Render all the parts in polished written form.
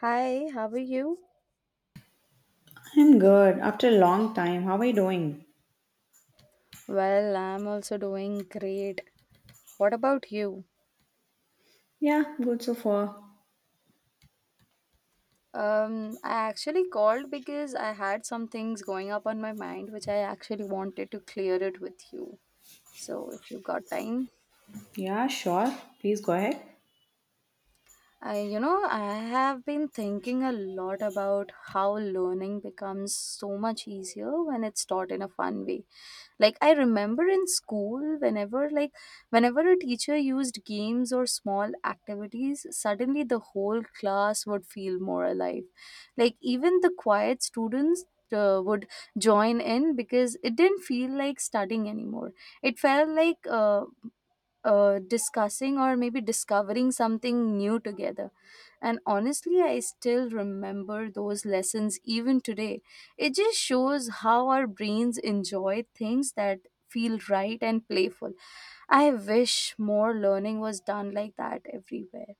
Hi, how are you? I'm good. After a long time, how are you doing? Well, I'm also doing great. What about you? Yeah, good so far. I actually called because I had some things going up on my mind which I actually wanted to clear it with you. So, if you got time, Yeah, sure. Please go ahead. I I have been thinking a lot about how learning becomes so much easier when it's taught in a fun way. Like I remember in school, whenever a teacher used games or small activities, suddenly the whole class would feel more alive. Like even the quiet students would join in because it didn't feel like studying anymore. It felt like discussing or maybe discovering something new together. And honestly, I still remember those lessons even today. It just shows how our brains enjoy things that feel right and playful. I wish more learning was done like that everywhere.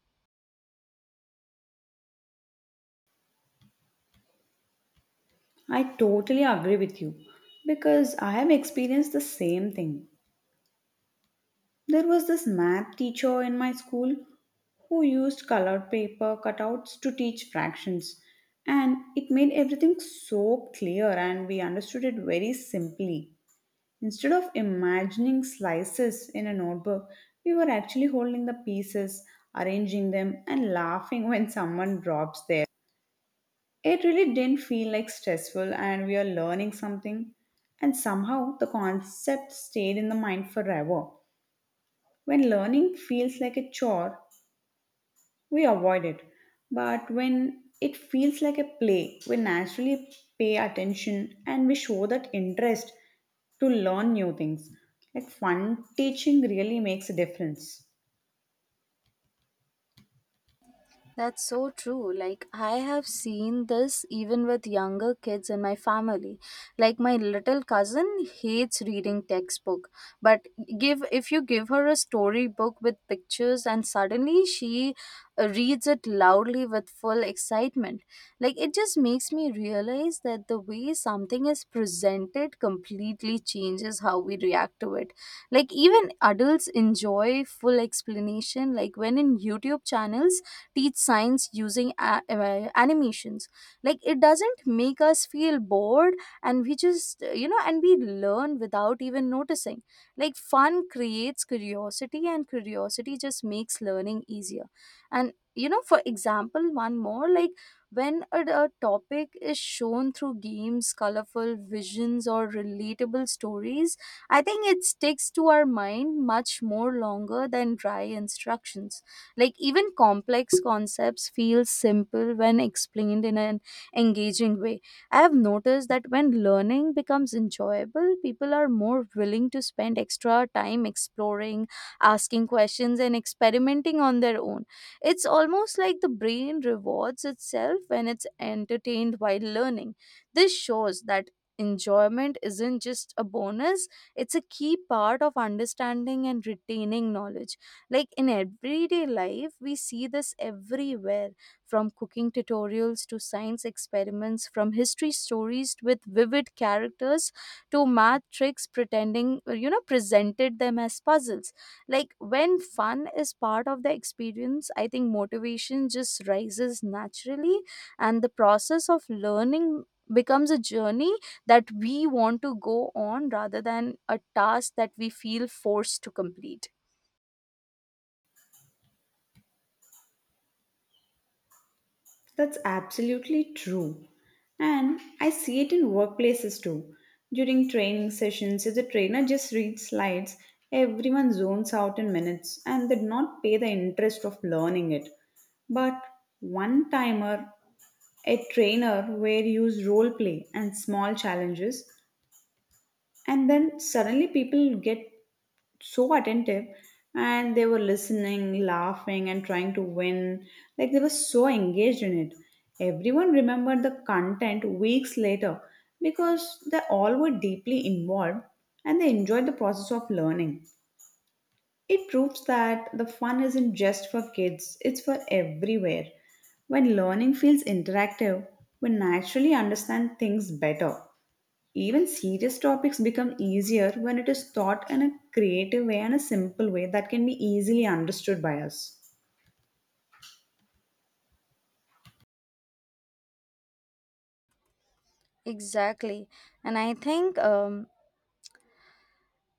I totally agree with you because I have experienced the same thing. There was this math teacher in my school who used colored paper cutouts to teach fractions, and it made everything so clear and we understood it very simply. Instead of imagining slices in a notebook, we were actually holding the pieces, arranging them, and laughing when someone drops there. It really didn't feel like stressful, and we are learning something. And somehow the concept stayed in the mind forever. When learning feels like a chore, we avoid it. But when it feels like a play, we naturally pay attention and we show that interest to learn new things. Like fun teaching really makes a difference. That's so true. Like, I have seen this even with younger kids in my family. Like, my little cousin hates reading textbook, but give if you give her a storybook with pictures and suddenly she reads it loudly with full excitement. Like, it just makes me realize that the way something is presented completely changes how we react to it. Like, even adults enjoy full explanation. Like, when in YouTube channels, teach science using animations like it doesn't make us feel bored and we just and we learn without even noticing like fun creates curiosity and curiosity just makes learning easier and you know for example one more like when a topic is shown through games, colorful visions, or relatable stories. I think it sticks to our mind much more longer than dry instructions. Like even complex concepts feel simple when explained in an engaging way. I have noticed that when learning becomes enjoyable, people are more willing to spend extra time exploring, asking questions, and experimenting on their own. It's almost like the brain rewards itself when it's entertained while learning. This shows that enjoyment isn't just a bonus, it's a key part of understanding and retaining knowledge. Like in everyday life we see this everywhere, from cooking tutorials to science experiments, from history stories with vivid characters to math tricks pretending presented them as puzzles. Like when fun is part of the experience, I think motivation just rises naturally, and the process of learning becomes a journey that we want to go on rather than a task that we feel forced to complete. That's absolutely true. And I see it in workplaces too. During training sessions, if the trainer just reads slides, everyone zones out in minutes and did not pay the interest of learning it. But one timer, a trainer where you use role play and small challenges, and then suddenly people get so attentive and they were listening, laughing, and trying to win. Like they were so engaged in it. Everyone remembered the content weeks later because they all were deeply involved and they enjoyed the process of learning. It proves that the fun isn't just for kids, it's for everywhere. When learning feels interactive, we naturally understand things better. Even serious topics become easier when it is taught in a creative way and a simple way that can be easily understood by us. Exactly. And I think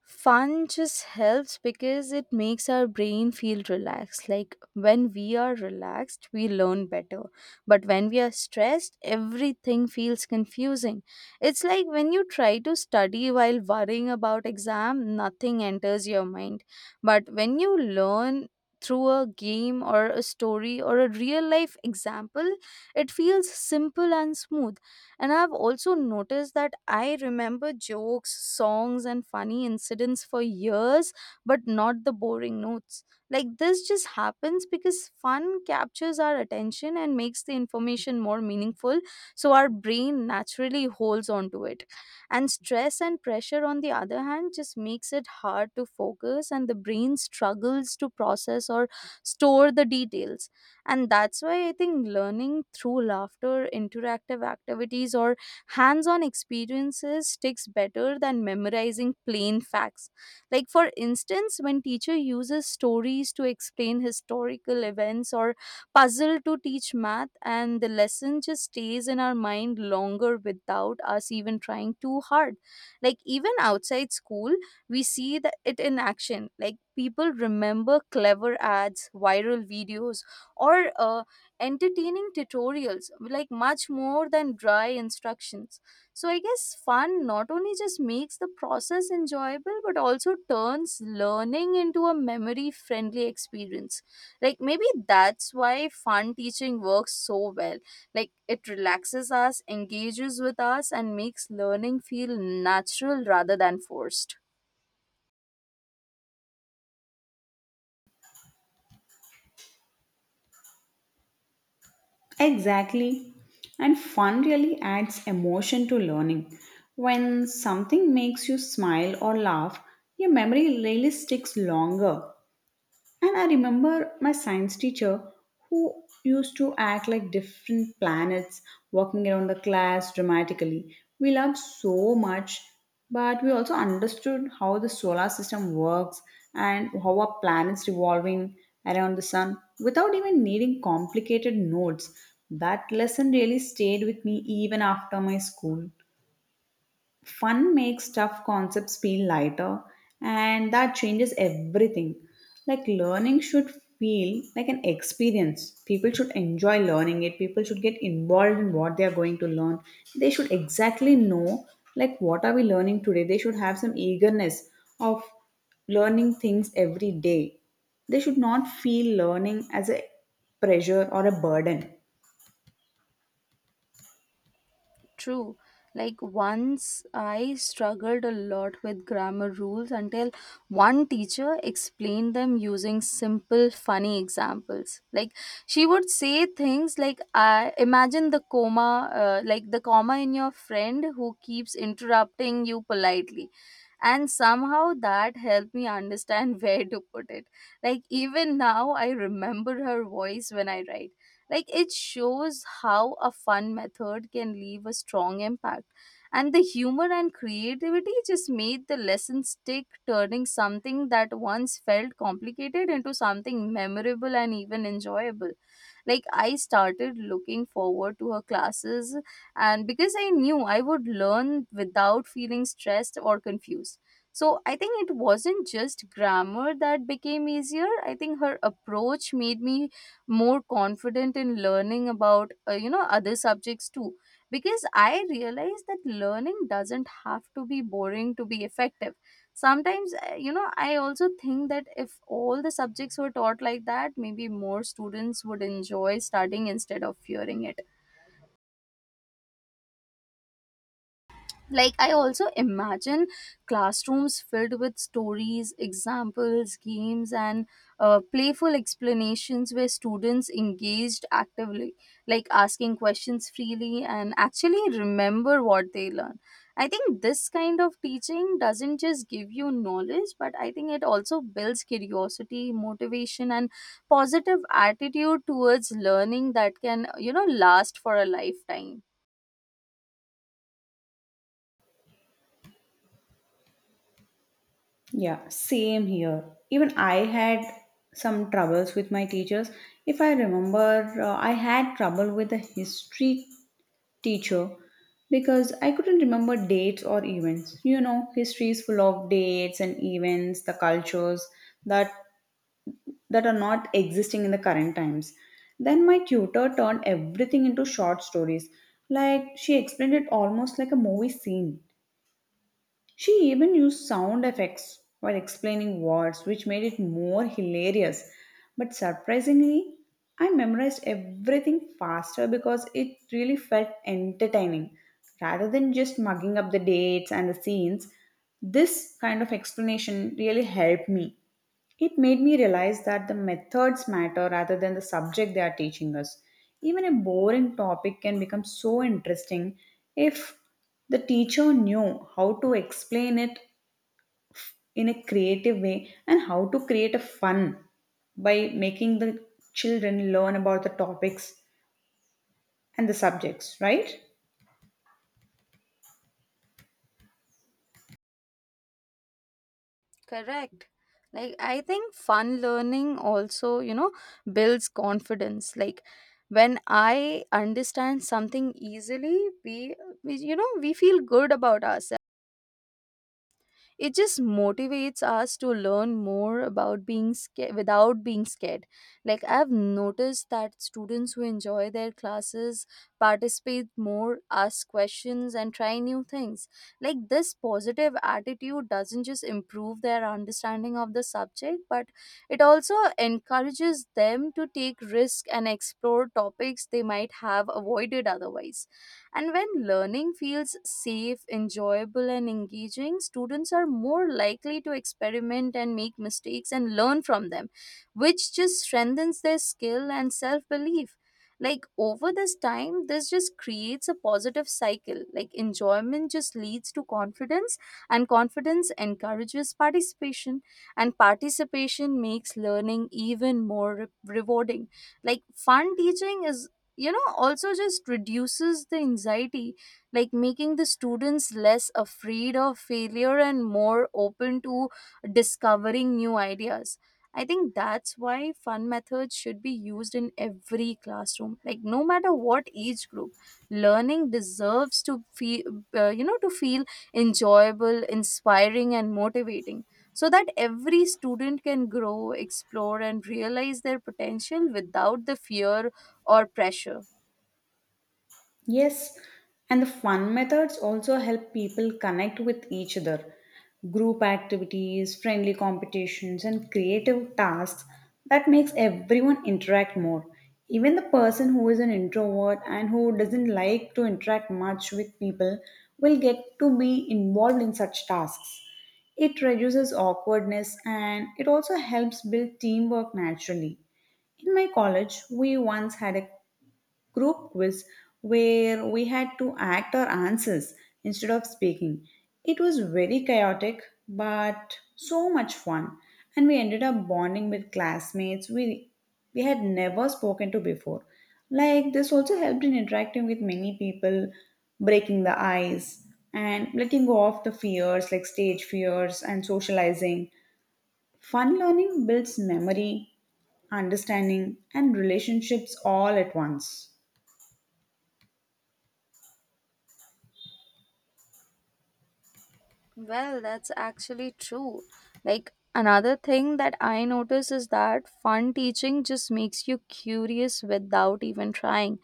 fun just helps because it makes our brain feel relaxed. Like when we are relaxed, we learn better. But when we are stressed, everything feels confusing. It's like when you try to study while worrying about exam, nothing enters your mind. But when you learn through a game or a story or a real life example, it feels simple and smooth. And I've also noticed that I remember jokes, songs, and funny incidents for years, but not the boring notes. Like this just happens because fun captures our attention and makes the information more meaningful, so our brain naturally holds on to it. And stress and pressure, on the other hand, just makes it hard to focus, and the brain struggles to process or store the details. And that's why I think learning through laughter, interactive activities, or hands on experiences sticks better than memorizing plain facts. Like, for instance, when teacher uses stories to explain historical events or puzzle to teach math, and the lesson just stays in our mind longer without us even trying too hard. Like, even outside school, we see it in action. Like people remember clever ads, viral videos, or entertaining tutorials, like much more than dry instructions. So I guess fun not only just makes the process enjoyable, but also turns learning into a memory friendly experience. Like maybe that's why fun teaching works so well. Like it relaxes us, engages with us, and makes learning feel natural rather than forced. Exactly. And fun really adds emotion to learning. When something makes you smile or laugh, your memory really sticks longer. And I remember my science teacher who used to act like different planets walking around the class dramatically. We loved so much, but we also understood how the solar system works and how our planets revolving around the sun without even needing complicated notes. That lesson really stayed with me even after my school. Fun makes tough concepts feel lighter, and that changes everything. Like, learning should feel like an experience. People should enjoy learning it, people should get involved in what they are going to learn. They should exactly know, like, what are we learning today? They should have some eagerness of learning things every day. They should not feel learning as a pressure or a burden. True. Like once I struggled a lot with grammar rules until one teacher explained them using simple, funny examples. Like she would say things like, I imagine the comma in your friend who keeps interrupting you politely, and somehow that helped me understand where to put it. Like even now I remember her voice when I write. Like it shows how a fun method can leave a strong impact, and the humor and creativity just made the lesson stick, turning something that once felt complicated into something memorable and even enjoyable. Like I started looking forward to her classes, and because I knew I would learn without feeling stressed or confused. So I think it wasn't just grammar that became easier, I think her approach made me more confident in learning about other subjects too, because I realized that learning doesn't have to be boring to be effective. Sometimes I also think that if all the subjects were taught like that, maybe more students would enjoy studying instead of fearing it. Like I also imagine classrooms filled with stories, examples, games, and playful explanations where students engaged actively, like asking questions freely and actually remember what they learn. I think this kind of teaching doesn't just give you knowledge, but I think it also builds curiosity, motivation, and positive attitude towards learning that can last for a lifetime. Yeah, same here. Even I had some troubles with my teachers. If I remember, I had trouble with the history teacher because I couldn't remember dates or events. You know, history is full of dates and events, the cultures that that are not existing in the current times. Then my tutor turned everything into short stories. Like she explained it almost like a movie scene. She even used sound effects while explaining words, which made it more hilarious. But surprisingly, I memorized everything faster because it really felt entertaining. Rather than just mugging up the dates and the scenes, this kind of explanation really helped me. It made me realize that the methods matter rather than the subject they are teaching us. Even a boring topic can become so interesting if the teacher knew how to explain it in a creative way and how to create a fun by making the children learn about the topics and the subjects, right? Correct. Like, I think fun learning also, builds confidence. Like, when I understand something easily, we feel good about ourselves. It just motivates us to learn more about being scared without being scared. Like I've noticed that students who enjoy their classes participate more, ask questions, and try new things. Like this positive attitude doesn't just improve their understanding of the subject, but it also encourages them to take risk and explore topics they might have avoided otherwise. And when learning feels safe, enjoyable, and engaging, students are more likely to experiment and make mistakes and learn from them, which just strengthens their skill and self belief. Like over this time, this just creates a positive cycle. Like enjoyment just leads to confidence, and confidence encourages participation, and participation makes learning even more rewarding. Like fun teaching is also just reduces the anxiety, like making the students less afraid of failure and more open to discovering new ideas. I think that's why fun methods should be used in every classroom. Like no matter what age group, learning deserves to feel, enjoyable, inspiring, and motivating, so that every student can grow, explore, and realize their potential without the fear or pressure. Yes, and the fun methods also help people connect with each other. Group activities, friendly competitions, and creative tasks that makes everyone interact more. Even the person who is an introvert and who doesn't like to interact much with people will get to be involved in such tasks. It reduces awkwardness and it also helps build teamwork naturally. In my college, we once had a group quiz where we had to act our answers instead of speaking. It was very chaotic, but so much fun. And we ended up bonding with classmates we had never spoken to before. Like, this also helped in interacting with many people, breaking the ice, and letting go of the fears like stage fears and socializing. Fun learning builds memory, understanding, and relationships all at once. Well, that's actually true. Like, another thing that I notice is that fun teaching just makes you curious without even trying.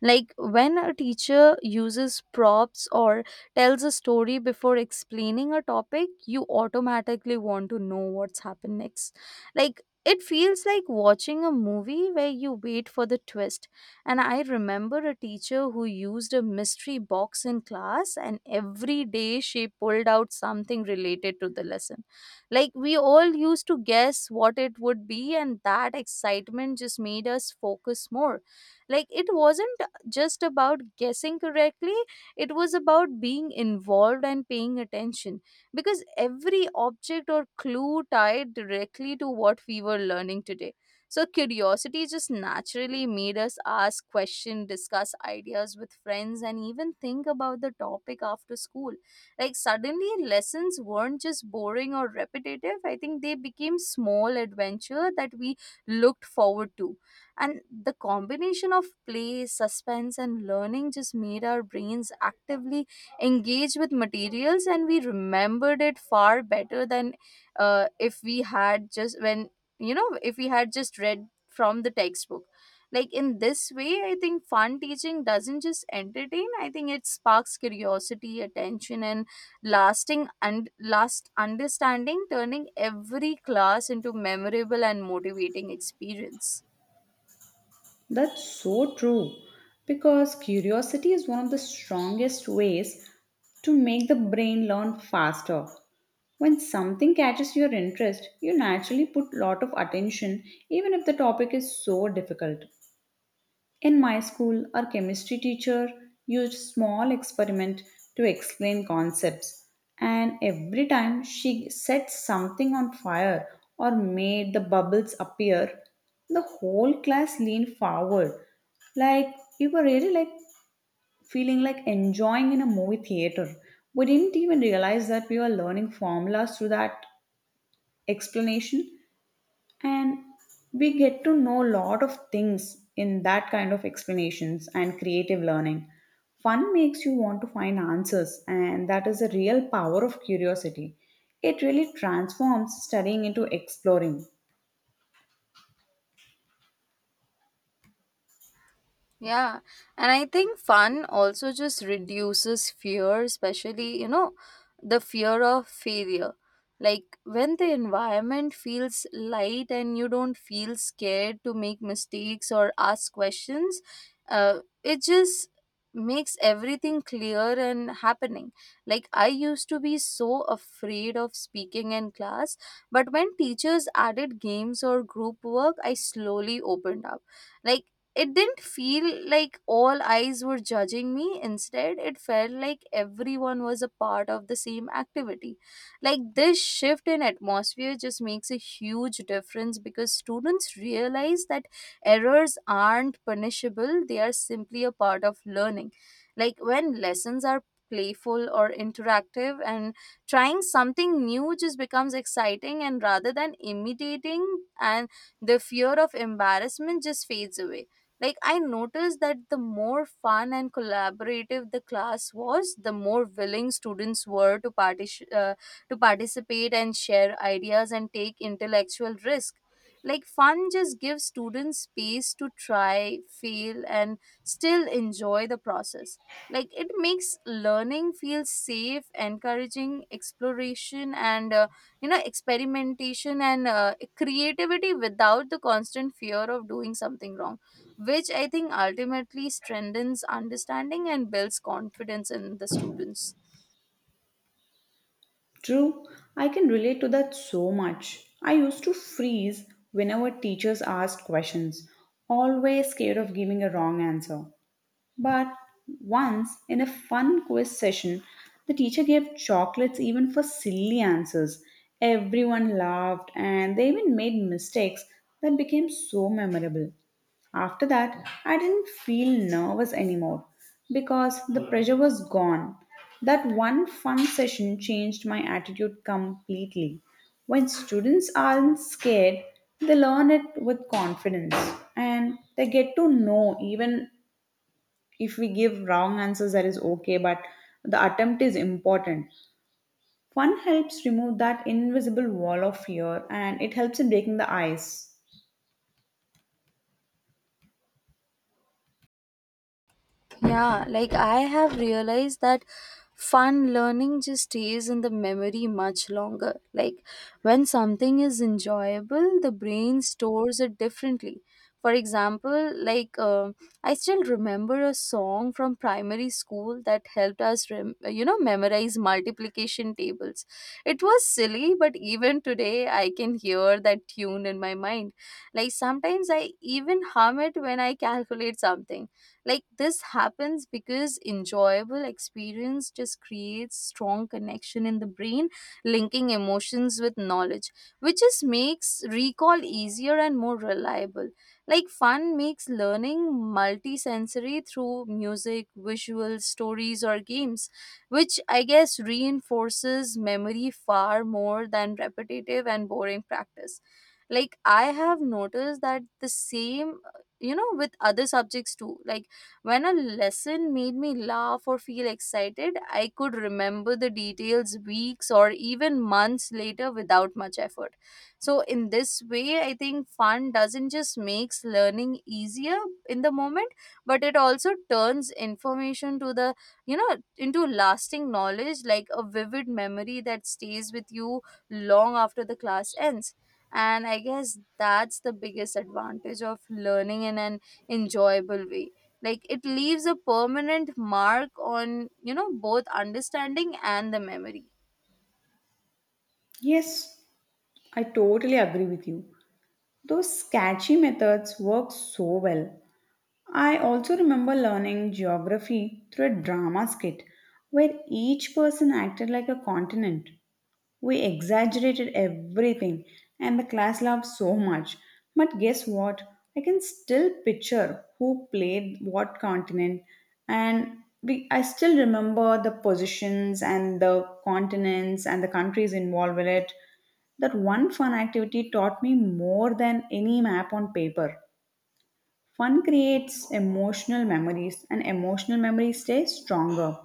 Like, when a teacher uses props or tells a story before explaining a topic, you automatically want to know what's happened next. Like, it feels like watching a movie where you wait for the twist. And I remember a teacher who used a mystery box in class, and every day she pulled out something related to the lesson. Like we all used to guess what it would be, and that excitement just made us focus more. Like it wasn't just about guessing correctly, it was about being involved and paying attention, because every object or clue tied directly to what we were learning today. So curiosity just naturally made us ask questions, discuss ideas with friends, and even think about the topic after school. Like suddenly, lessons weren't just boring or repetitive. I think they became small adventure that we looked forward to. And the combination of play, suspense, and learning just made our brains actively engaged with materials, and we remembered it far better than if we had just when you know if we had just read from the textbook. Like in this way I think fun teaching doesn't just entertain, I think it sparks curiosity, attention, and lasting and last understanding, turning every class into memorable and motivating experience. That's so true because curiosity is one of the strongest ways to make the brain learn faster. When something catches your interest, you naturally put lot of attention even if the topic is so difficult. In my school, our chemistry teacher used small experiment to explain concepts, and every time she set something on fire or made the bubbles appear, the whole class leaned forward like we were really like feeling like enjoying in a movie theater. We didn't even realize that we were learning formulas through that explanation and we get to know a lot of things in that kind of explanations and creative learning fun makes you want to find answers, and that is the real power of curiosity. It really transforms studying into exploring. Yeah, and I think fun also just reduces fear, especially, you know, the fear of failure. Like when the environment feels light and you don't feel scared to make mistakes or ask questions, it just makes everything clear and happening. Like I used to be so afraid of speaking in class, but when teachers added games or group work, I slowly opened up. Like it didn't feel like all eyes were judging me. Instead, it felt like everyone was a part of the same activity. Like this shift in atmosphere just makes a huge difference because students realize that errors aren't punishable, they are simply a part of learning. Like when lessons are playful or interactive and trying something new just becomes exciting and rather than imitating and the fear of embarrassment just fades away like, I noticed that the more fun and collaborative the class was, the more willing students were to, to participate and share ideas and take intellectual risk. Like, fun just gives students space to try, fail, and still enjoy the process. Like, it makes learning feel safe, encouraging exploration, and experimentation and creativity without the constant fear of doing something wrong, which I think ultimately strengthens understanding and builds confidence in the students. True, I can relate to that so much. I used to freeze whenever teachers asked questions, always scared of giving a wrong answer. But once, in a fun quiz session, the teacher gave chocolates even for silly answers. Everyone laughed and they even made mistakes that became so memorable. After that, I didn't feel nervous anymore because the pressure was gone. That one fun session changed my attitude completely. When students aren't scared, they learn it with confidence and they get to know even if we give wrong answers that is okay, but the attempt is important. Fun helps remove that invisible wall of fear, and it helps in breaking the ice. Yeah, like I have realized that fun learning just stays in the memory much longer. Like when something is enjoyable, the brain stores it differently. For example, I still remember a song from primary school that helped us, memorize multiplication tables. It was silly, but even today I can hear that tune in my mind. Like sometimes I even hum it when I calculate something like this happens because enjoyable experience just creates strong connection in the brain, linking emotions with knowledge, which just makes recall easier and more reliable. Like fun makes learning multisensory through music, visuals, stories or games, which I guess reinforces memory far more than repetitive and boring practice. Like I have noticed that the same with other subjects too like when a lesson made me laugh or feel excited, I could remember the details weeks or even months later without much effort. So, in this way, I think fun doesn't just makes learning easier in the moment, but it also turns information to the into lasting knowledge, like a vivid memory that stays with you long after the class ends. And I guess that's the biggest advantage of learning in an enjoyable way, like it leaves a permanent mark on both understanding and the memory. Yes, I totally agree with you. Those sketchy methods work so well. I also remember learning geography through a drama skit where each person acted like a continent. We exaggerated everything, and the class laughed so much. But guess what? I can still picture who played what continent, and I still remember the positions and the continents and the countries involved with it. That one fun activity taught me more than any map on paper. Fun creates emotional memories, and emotional memories stay stronger.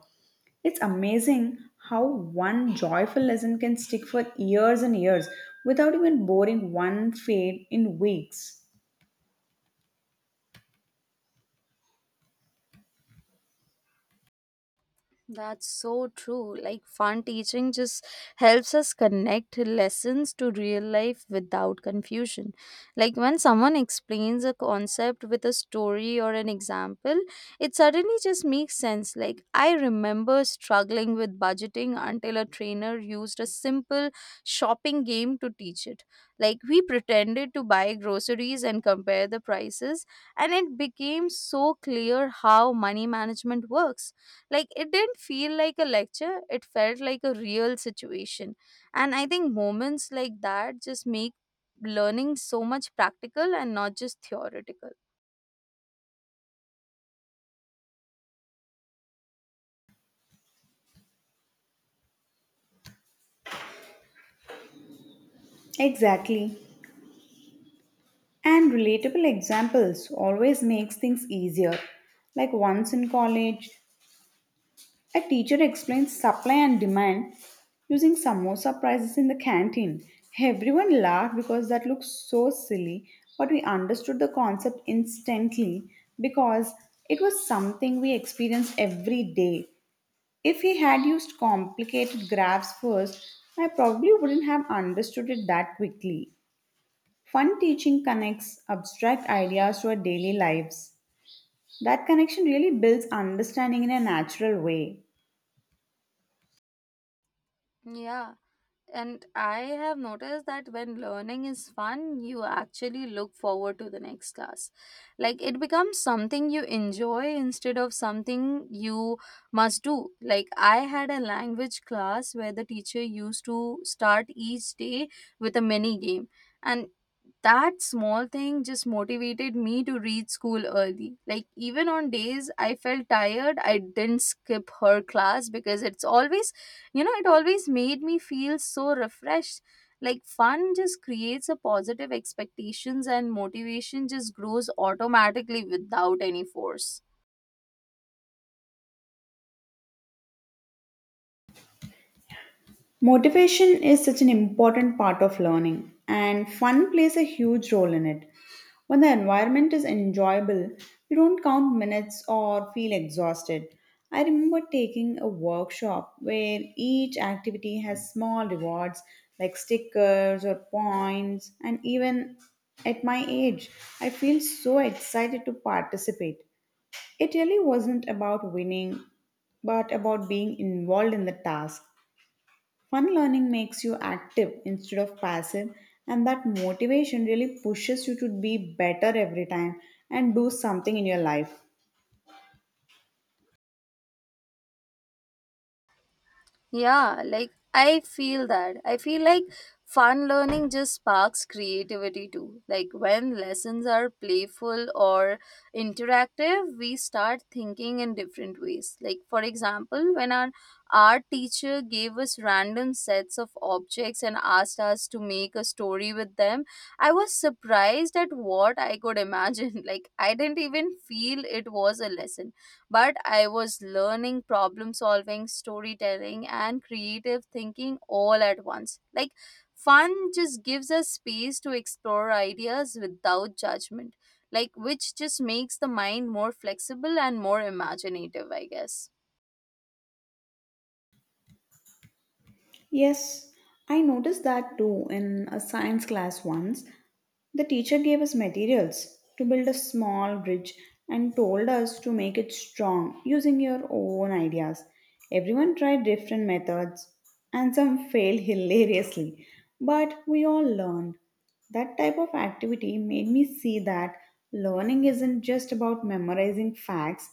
It's amazing how one joyful lesson can stick for years and years without even boring one fade in weeks. That's so true. Like, fun teaching just helps us connect lessons to real life without confusion. Like, when someone explains a concept with a story or an example, it suddenly just makes sense. Like, I remember struggling with budgeting until a trainer used a simple shopping game to teach it. Like, we pretended to buy groceries and compare the prices, and it became so clear how money management works, like it didn't feel like a lecture, it felt like a real situation. And I think moments like that just make learning so much practical and not just theoretical. Exactly. And relatable examples always makes things easier. Like once in college, a teacher explained supply and demand using samosa prices in the canteen. Everyone laughed because that looked so silly, but we understood the concept instantly because it was something we experienced every day. If he had used complicated graphs first, I probably wouldn't have understood it that quickly. Fun teaching connects abstract ideas to our daily lives. That connection really builds understanding in a natural way. Yeah, and I have noticed that when learning is fun, you actually look forward to the next class. Like it becomes something you enjoy instead of something you must do. Like I had a language class where the teacher used to start each day with a mini game. And That small thing just motivated me to reach school early. Like, even on days I felt tired, I didn't skip her class because it's always, it always made me feel so refreshed. Like, fun just creates a positive expectations and motivation just grows automatically without any force. Motivation is such an important part of learning, and fun plays a huge role in it. When the environment is enjoyable, you don't count minutes or feel exhausted. I remember taking a workshop where each activity has small rewards like stickers or points, and even at my age, I feel so excited to participate. It really wasn't about winning, but about being involved in the task. Fun learning makes you active instead of passive, and that motivation really pushes you to be better every time and do something in your life. Yeah, like I feel that. I feel like fun learning just sparks creativity too. Like when lessons are playful or interactive, we start thinking in different ways. Like, for example, when our art teacher gave us random sets of objects and asked us to make a story with them, I was surprised at what I could imagine. Like, I didn't even feel it was a lesson, but I was learning problem solving, storytelling, and creative thinking all at once. Like, fun just gives us space to explore ideas without judgment, like, which just makes the mind more flexible and more imaginative, I guess. Yes, I noticed that too in a science class once. The teacher gave us materials to build a small bridge and told us to make it strong using your own ideas. Everyone tried different methods and some failed hilariously, but we all learned. That type of activity made me see that learning isn't just about memorizing facts,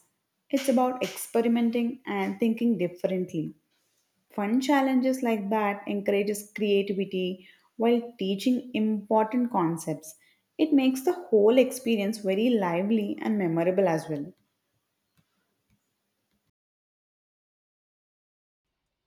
it's about experimenting and thinking differently. Fun challenges like that encourages creativity while teaching important concepts. It makes the whole experience very lively and memorable as well.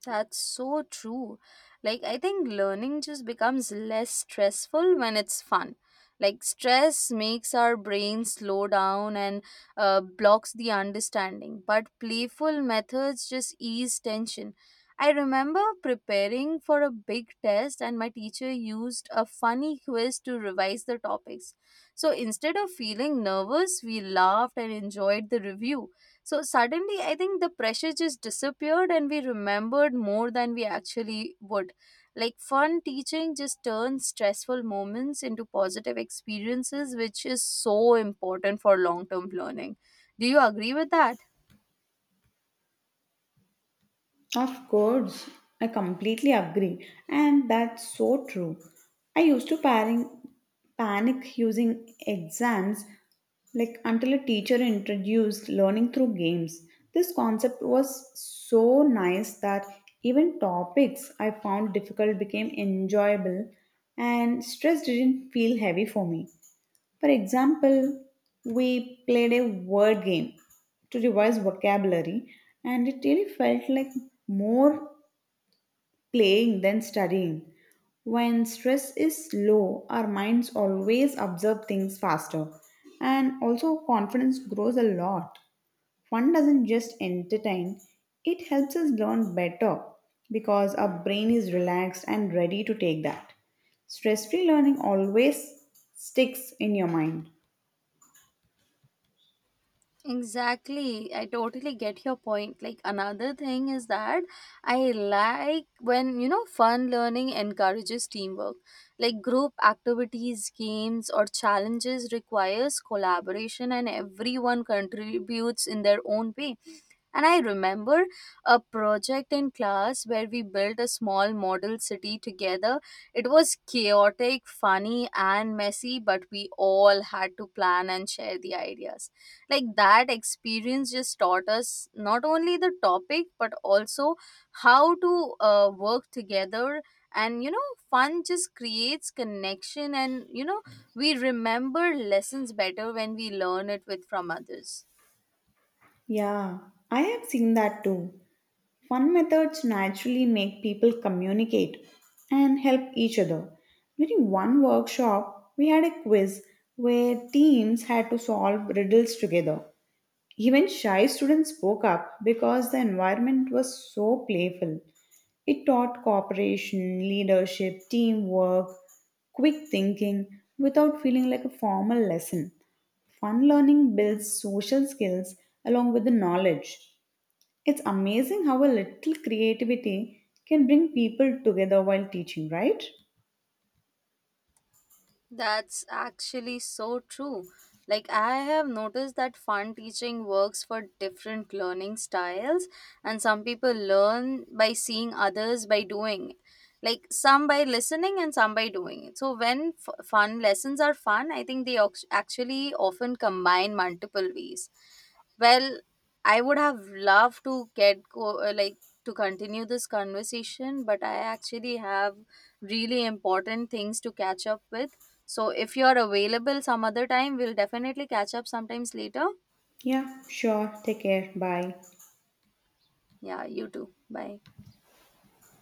That's so true. Like, I think learning just becomes less stressful when it's fun. Like, stress makes our brain slow down and blocks the understanding, but playful methods just ease tension. I remember preparing for a big test, and my teacher used a funny quiz to revise the topics. So instead of feeling nervous, we laughed and enjoyed the review, so suddenly, I think the pressure just disappeared and we remembered more than we actually would. Like, fun teaching just turns stressful moments into positive experiences, which is so important for long term learning. Do you agree with that? Of course, I completely agree, and that's so true. I used to panic using exams like until a teacher introduced learning through games. This concept was so nice that even topics I found difficult became enjoyable and stress didn't feel heavy for me. For example, we played a word game to revise vocabulary, and it really felt like more playing than studying. When stress is low, our minds always observe things faster, and also confidence grows a lot. Fun doesn't just entertain, it helps us learn better because our brain is relaxed and ready to take that. Stress free learning always sticks in your mind. Exactly. I totally get your point. Like another thing is that I like when, you know, fun learning encourages teamwork. Like group activities, games or challenges requires collaboration and everyone contributes in their own way. And I remember a project in class where we built a small model city together. It was chaotic, funny, and messy, but we all had to plan and share the ideas, like that experience just taught us not only the topic but also how to work together, and fun just creates connection, and we remember lessons better when we learn it with from others. Yeah, I have seen that too. Fun methods naturally make people communicate and help each other. During one workshop, we had a quiz where teams had to solve riddles together. Even shy students spoke up because the environment was so playful. It taught cooperation, leadership, teamwork, quick thinking without feeling like a formal lesson. Fun learning builds social skills along with the knowledge. It's amazing how a little creativity can bring people together while teaching, right? That's actually so true. Like, I have noticed that fun teaching works for different learning styles, and some people learn by seeing others by doing. Like, some by listening and some by doing it. So, when fun lessons are fun, I think they actually often combine multiple ways. Well, I would have loved to get go like to continue this conversation, but I actually have really important things to catch up with. So if you are available some other time, we'll definitely catch up sometimes later. Yeah, sure. Take care. Bye. Yeah, you too. Bye.